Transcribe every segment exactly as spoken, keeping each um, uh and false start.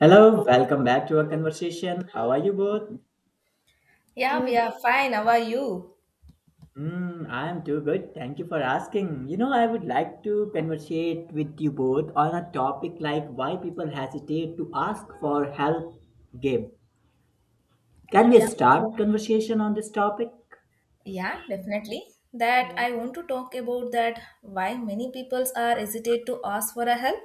Hello, welcome back to our conversation. How are you both? Yeah, we Good. are fine. How are you? Hmm, I am too good. Thank you for asking. You know, I would like to conversate with you both on a topic like why people hesitate to ask for help game. Can we Yeah. start conversation on this topic? Yeah, definitely. That Yeah. I want to talk about that why many peoples are hesitate to ask for a help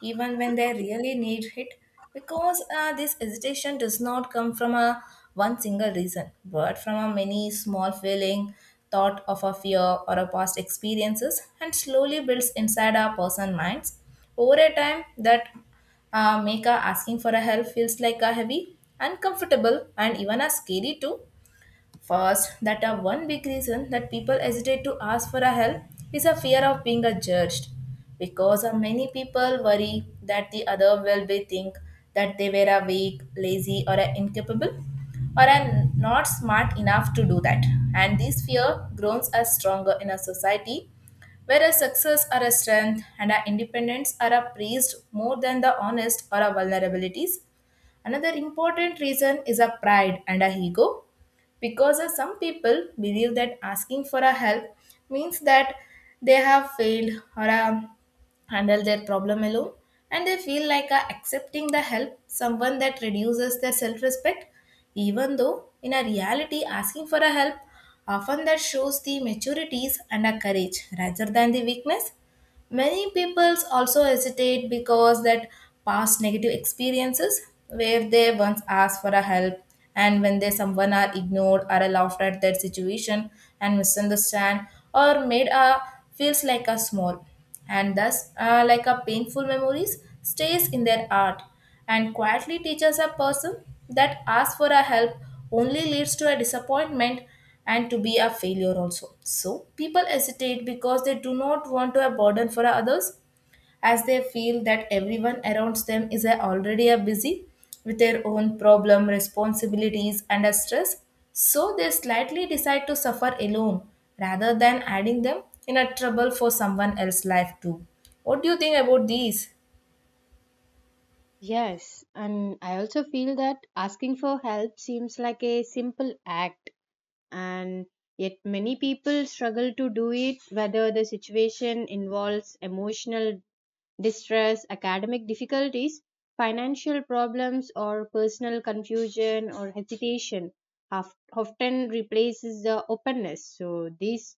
even when they really need it, because uh, this hesitation does not come from a one single reason but from a many small feeling, thought of a fear or a past experiences, and slowly builds inside our person minds over a time that uh, make our asking for a help feels like a heavy, uncomfortable, and even a scary too. First, that a one big reason that people hesitate to ask for a help is a fear of being a judged, because a many people worry that the other will be think that they were a weak, lazy, or a incapable, or a not smart enough to do that. And this fear grows as stronger in a society where a success or a strength and our independence are a praised more than the honest or our vulnerabilities. Another important reason is a pride and a ego, because uh, some people believe that asking for a help means that they have failed, or uh, handled their problem alone, and they feel like uh, accepting the help someone that reduces their self-respect, even though in a reality asking for a help often that shows the maturities and a courage rather than the weakness. Many peoples also hesitate because that past negative experiences where they once asked for a help, and when they someone are ignored or are laughed at their situation and misunderstand or made a feels like a small, and thus uh, like a painful memories stays in their heart and quietly teaches a person that ask for a help only leads to a disappointment and to be a failure also. So people hesitate because they do not want to a burden for others, as they feel that everyone around them is a- already a busy with their own problem, responsibilities, and a stress, so they slightly decide to suffer alone rather than adding them in a trouble for someone else's life too. What do you think about these? Yes. And I also feel that asking for help seems like a simple act, and yet many people struggle to do it, whether the situation involves emotional distress, academic difficulties, financial problems, or personal confusion or hesitation. of- Often replaces the openness. So, these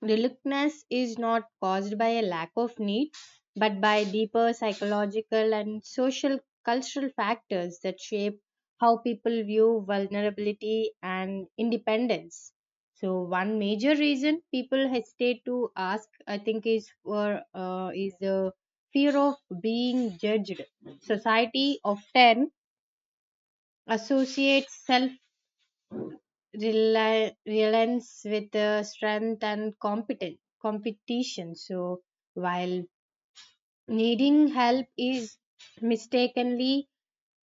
reluctance is not caused by a lack of need, but by deeper psychological and social cultural factors that shape how people view vulnerability and independence. So one major reason people hesitate to ask, I think, is for uh, is the fear of being judged. Society often associates self rely, relents with uh, strength and competen competition. So while needing help is mistakenly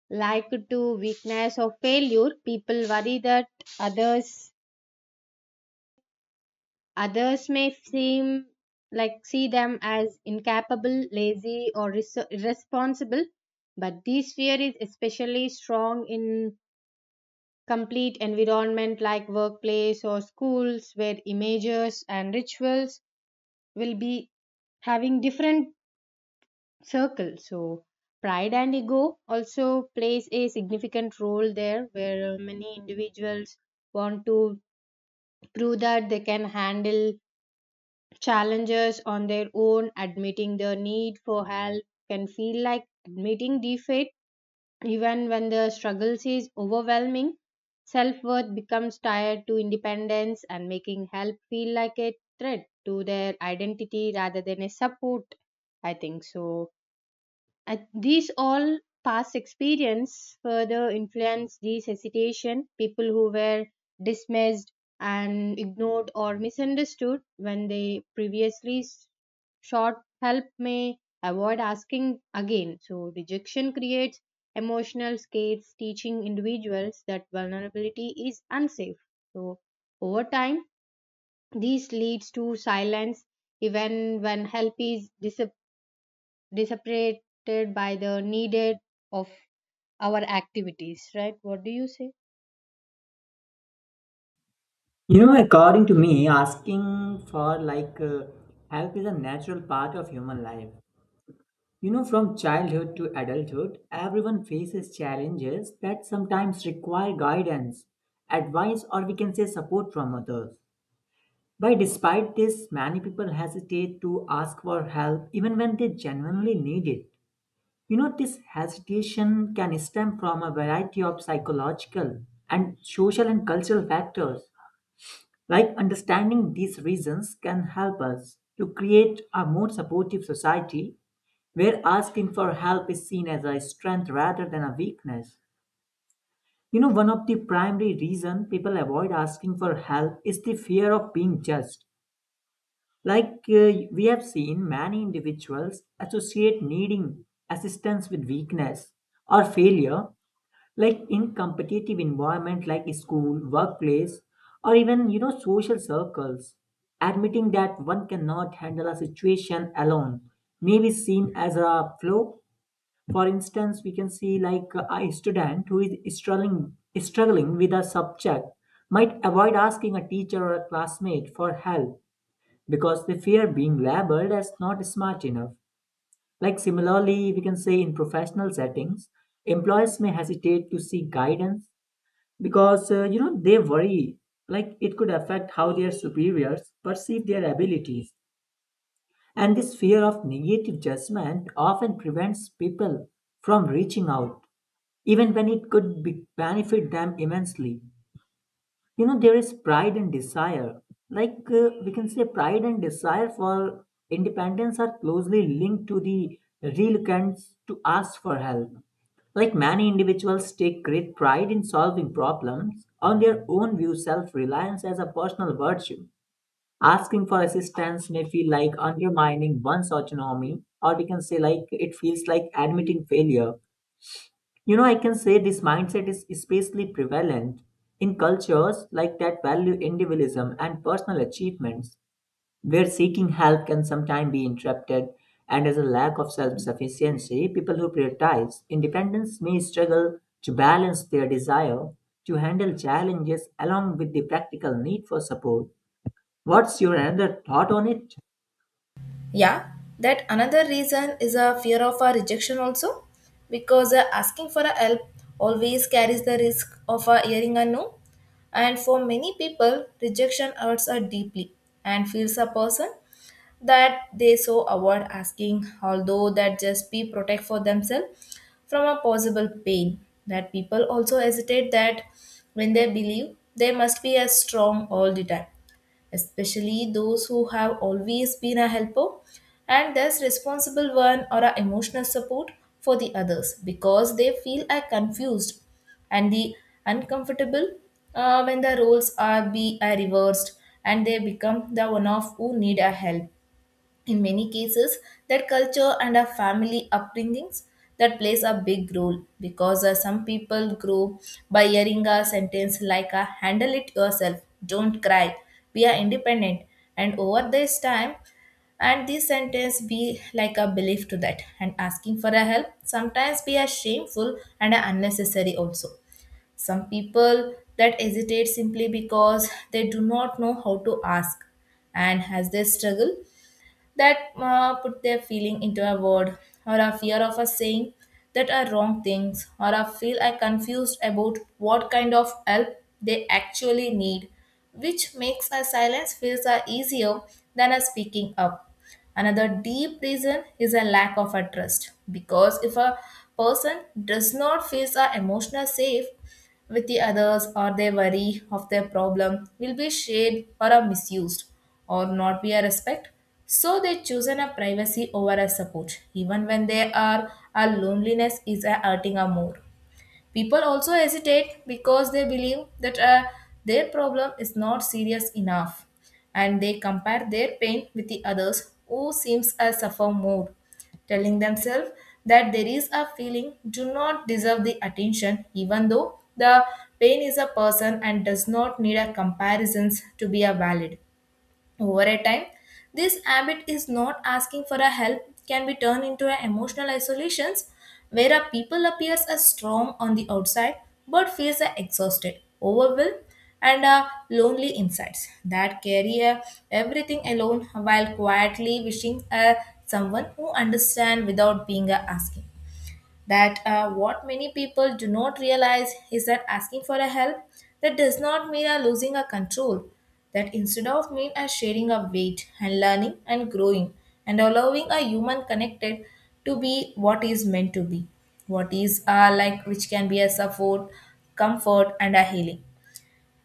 likened to weakness or failure, people worry that others others may seem like see them as incapable, lazy, or res- irresponsible. But this fear is especially strong in complete environment like workplace or schools where images and rituals will be having different circles, so pride and ego also plays a significant role there where uh, many individuals want to prove that they can handle challenges on their own. Admitting their need for help can feel like admitting defeat even when the struggles is overwhelming, self worth becomes tied to independence and making help feel like a threat to their identity rather than a support. I think so, and these all past experience further influence these hesitation. People who were dismissed and ignored or misunderstood when they previously s- sought help may avoid asking again. So rejection creates emotional scares, teaching individuals that vulnerability is unsafe. So over time, this leads to silence even when help is dis- dissipated by the needed of our activities, right? What do you say? You know, according to me, asking for like uh, help is a natural part of human life. You know, from childhood to adulthood, everyone faces challenges that sometimes require guidance, advice, or we can say support from others. But despite this, many people hesitate to ask for help even when they genuinely need it. You know, this hesitation can stem from a variety of psychological and social and cultural factors. Like understanding these reasons can help us to create a more supportive society where asking for help is seen as a strength rather than a weakness. You know, one of the primary reason people avoid asking for help is the fear of being judged. Like uh, we have seen many individuals associate needing assistance with weakness or failure, like in competitive environment like school, workplace, or even, you know, social circles. Admitting that one cannot handle a situation alone may be seen as a flaw. For instance, we can see like a student who is struggling struggling with a subject might avoid asking a teacher or a classmate for help because they fear being labeled as not smart enough. Like similarly, we can say in professional settings, employees may hesitate to seek guidance because uh, you know, they worry like it could affect how their superiors perceive their abilities. And this fear of negative judgment often prevents people from reaching out even when it could be benefit them immensely. You know, there is pride and desire. Like uh, we can say, pride and desire for independence are closely linked to the reluctance to ask for help. Like many individuals take great pride in solving problems, on their own view self reliance as a personal virtue. Asking for assistance may feel like undermining one's autonomy, or we can say, like, it feels like admitting failure. You know, I can say this mindset is especially prevalent in cultures like that value individualism and personal achievements, where seeking help can sometimes be interrupted, and as a lack of self sufficiency, people who prioritize independence may struggle to balance their desire to handle challenges along with the practical need for support. What's your another thought on it? Yeah, that another reason is a fear of a rejection also, because uh, asking for a help always carries the risk of a hearing a no, and for many people, rejection hurts a deeply and feels a person that they so avoid asking, although that just be protect for themselves from a possible pain. That people also hesitate that when they believe they must be as strong all the time, especially those who have always been a helper and thus responsible one or a emotional support for the others, because they feel are confused and the uncomfortable uh, when the roles are be are reversed and they become the one of who need a help. In many cases, that culture and our family upbringings that plays a big role, because uh, some people grow by hearing a sentence like uh, handle it yourself, don't cry, we are independent. And over this time, and this sentence be like a belief to that, and asking for a help sometimes be a shameful and a unnecessary also. Some people that hesitate simply because they do not know how to ask, and as they struggle that uh, put their feeling into a word, or a fear of a saying that are wrong things, or a feel I confused about what kind of help they actually need, which makes a silence feels uh, easier than a speaking up. Another deep reason is a lack of a trust, because if a person does not feel a emotional safe with the others, or their worry of their problem will be shared or are misused or not be a respect. So they chosen a privacy over a support, even when they are our loneliness is a hurting a more. People also hesitate because they believe that uh, their problem is not serious enough, and they compare their pain with the others who seems to suffer more, telling themselves that there is a feeling do not deserve the attention, even though the pain is a person and does not need a comparisons to be a valid. Over a time, this habit is not asking for a help can be turned into an emotional isolations, where a people appears as strong on the outside but feels a exhausted, overwhelmed, and a lonely insides, that carry a everything alone while quietly wishing a someone who understand without being a asking. That uh, what many people do not realize is that asking for a help that does not mean a losing a control, that instead of mean a sharing a weight and learning and growing and allowing a human connected to be what is meant to be, what is uh, like, which can be a support, comfort, and a healing.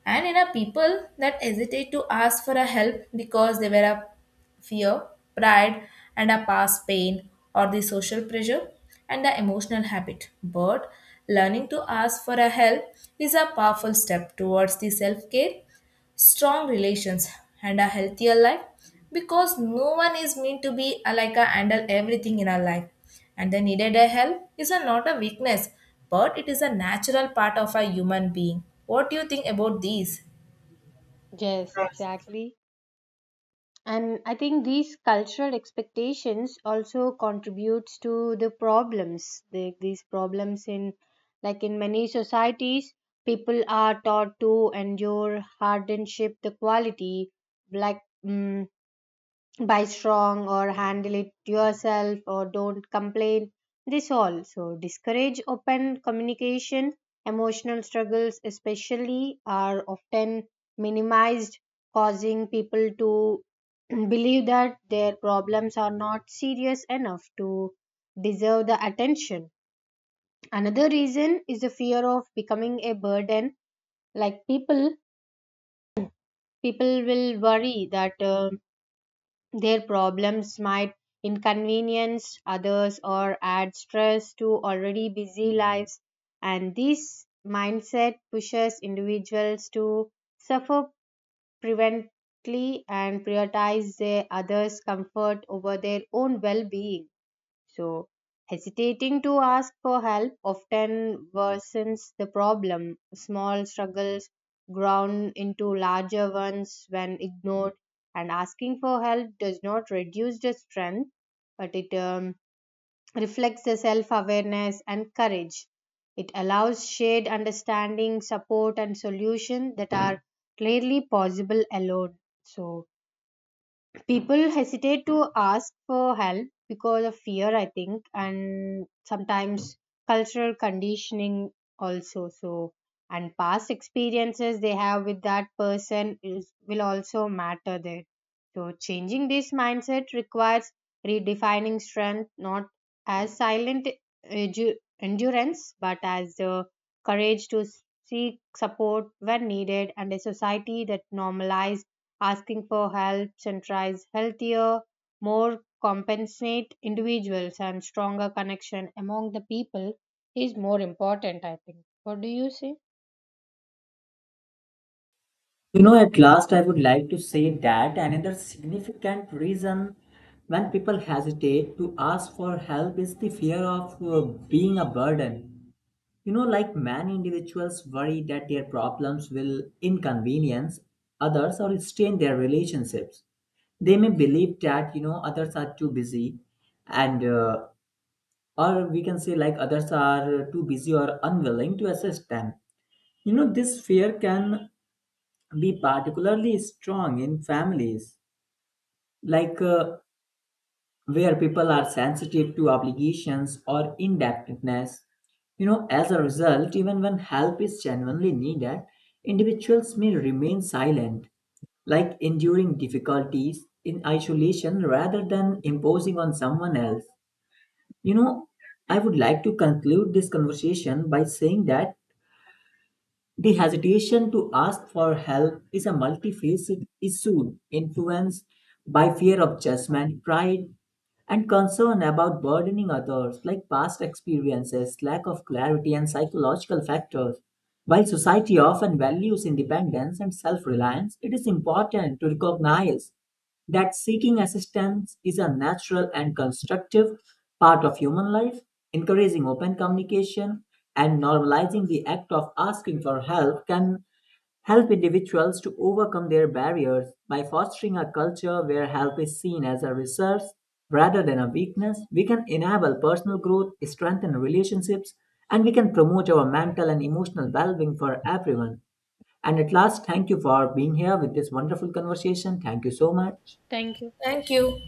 And in a people that hesitate to ask for a help because they were a fear, pride, and a past pain, or the social pressure and the emotional habit. But learning to ask for a help is a powerful step towards the self-care, strong relations, and a healthier life, because no one is meant to be a, like a handle everything in our life, and the needed a help is a, not a weakness, but it is a natural part of a human being. What do you think about these? Yes, exactly. And I think these cultural expectations also contributes to the problems. The, these problems in, like in many societies, people are taught to endure hardship, the quality, like mm buy strong or handle it yourself or don't complain. This also discourage open communication. Emotional struggles, especially, are often minimized, causing people to believe that their problems are not serious enough to deserve the attention. Another reason is the fear of becoming a burden. Like people, People will worry that. um Their problems might inconvenience others or add stress to already busy lives, and this mindset pushes individuals to suffer prevently and prioritize their others' comfort over their own well being. So, hesitating to ask for help often worsens the problem. Small struggles ground into larger ones when ignored, and asking for help does not reduce the strength, but it um, reflects the self awareness and courage. It allows shared understanding, support, and solution that are clearly possible alone. So, people hesitate to ask for help because of fear, I think, and sometimes cultural conditioning also, so, and past experiences they have with that person is will also matter there. So changing this mindset requires redefining strength not as silent edu- endurance but as the courage to seek support when needed, and a society that normalizes asking for help centralize healthier, more compensate individuals and stronger connection among the people is more important, I think. What do you say? You know, at last, I would like to say that another significant reason when people hesitate to ask for help is the fear of uh, being a burden. You know, like many individuals worry that their problems will inconvenience others or strain their relationships. They may believe that, you know, others are too busy and, uh, or we can say like others are uh, too busy or unwilling to assist them. You know, this fear can be particularly strong in families like uh, where people are sensitive to obligations or indebtedness. You know, as a result, even when help is genuinely needed, individuals may remain silent, like enduring difficulties in isolation rather than imposing on someone else. You know, I would like to conclude this conversation by saying that the hesitation to ask for help is a multifaceted issue influenced by fear of judgment, pride, and concern about burdening others, like past experiences, lack of clarity, and psychological factors. While society often values independence and self reliance, it is important to recognize that seeking assistance is a natural and constructive part of human life. Encouraging open communication and normalizing the act of asking for help can help individuals to overcome their barriers. By fostering a culture where help is seen as a resource rather than a weakness, we can enable personal growth, strengthen relationships, and we can promote our mental and emotional well-being for everyone. And at last, thank you for being here with this wonderful conversation. Thank you so much. Thank you. Thank you.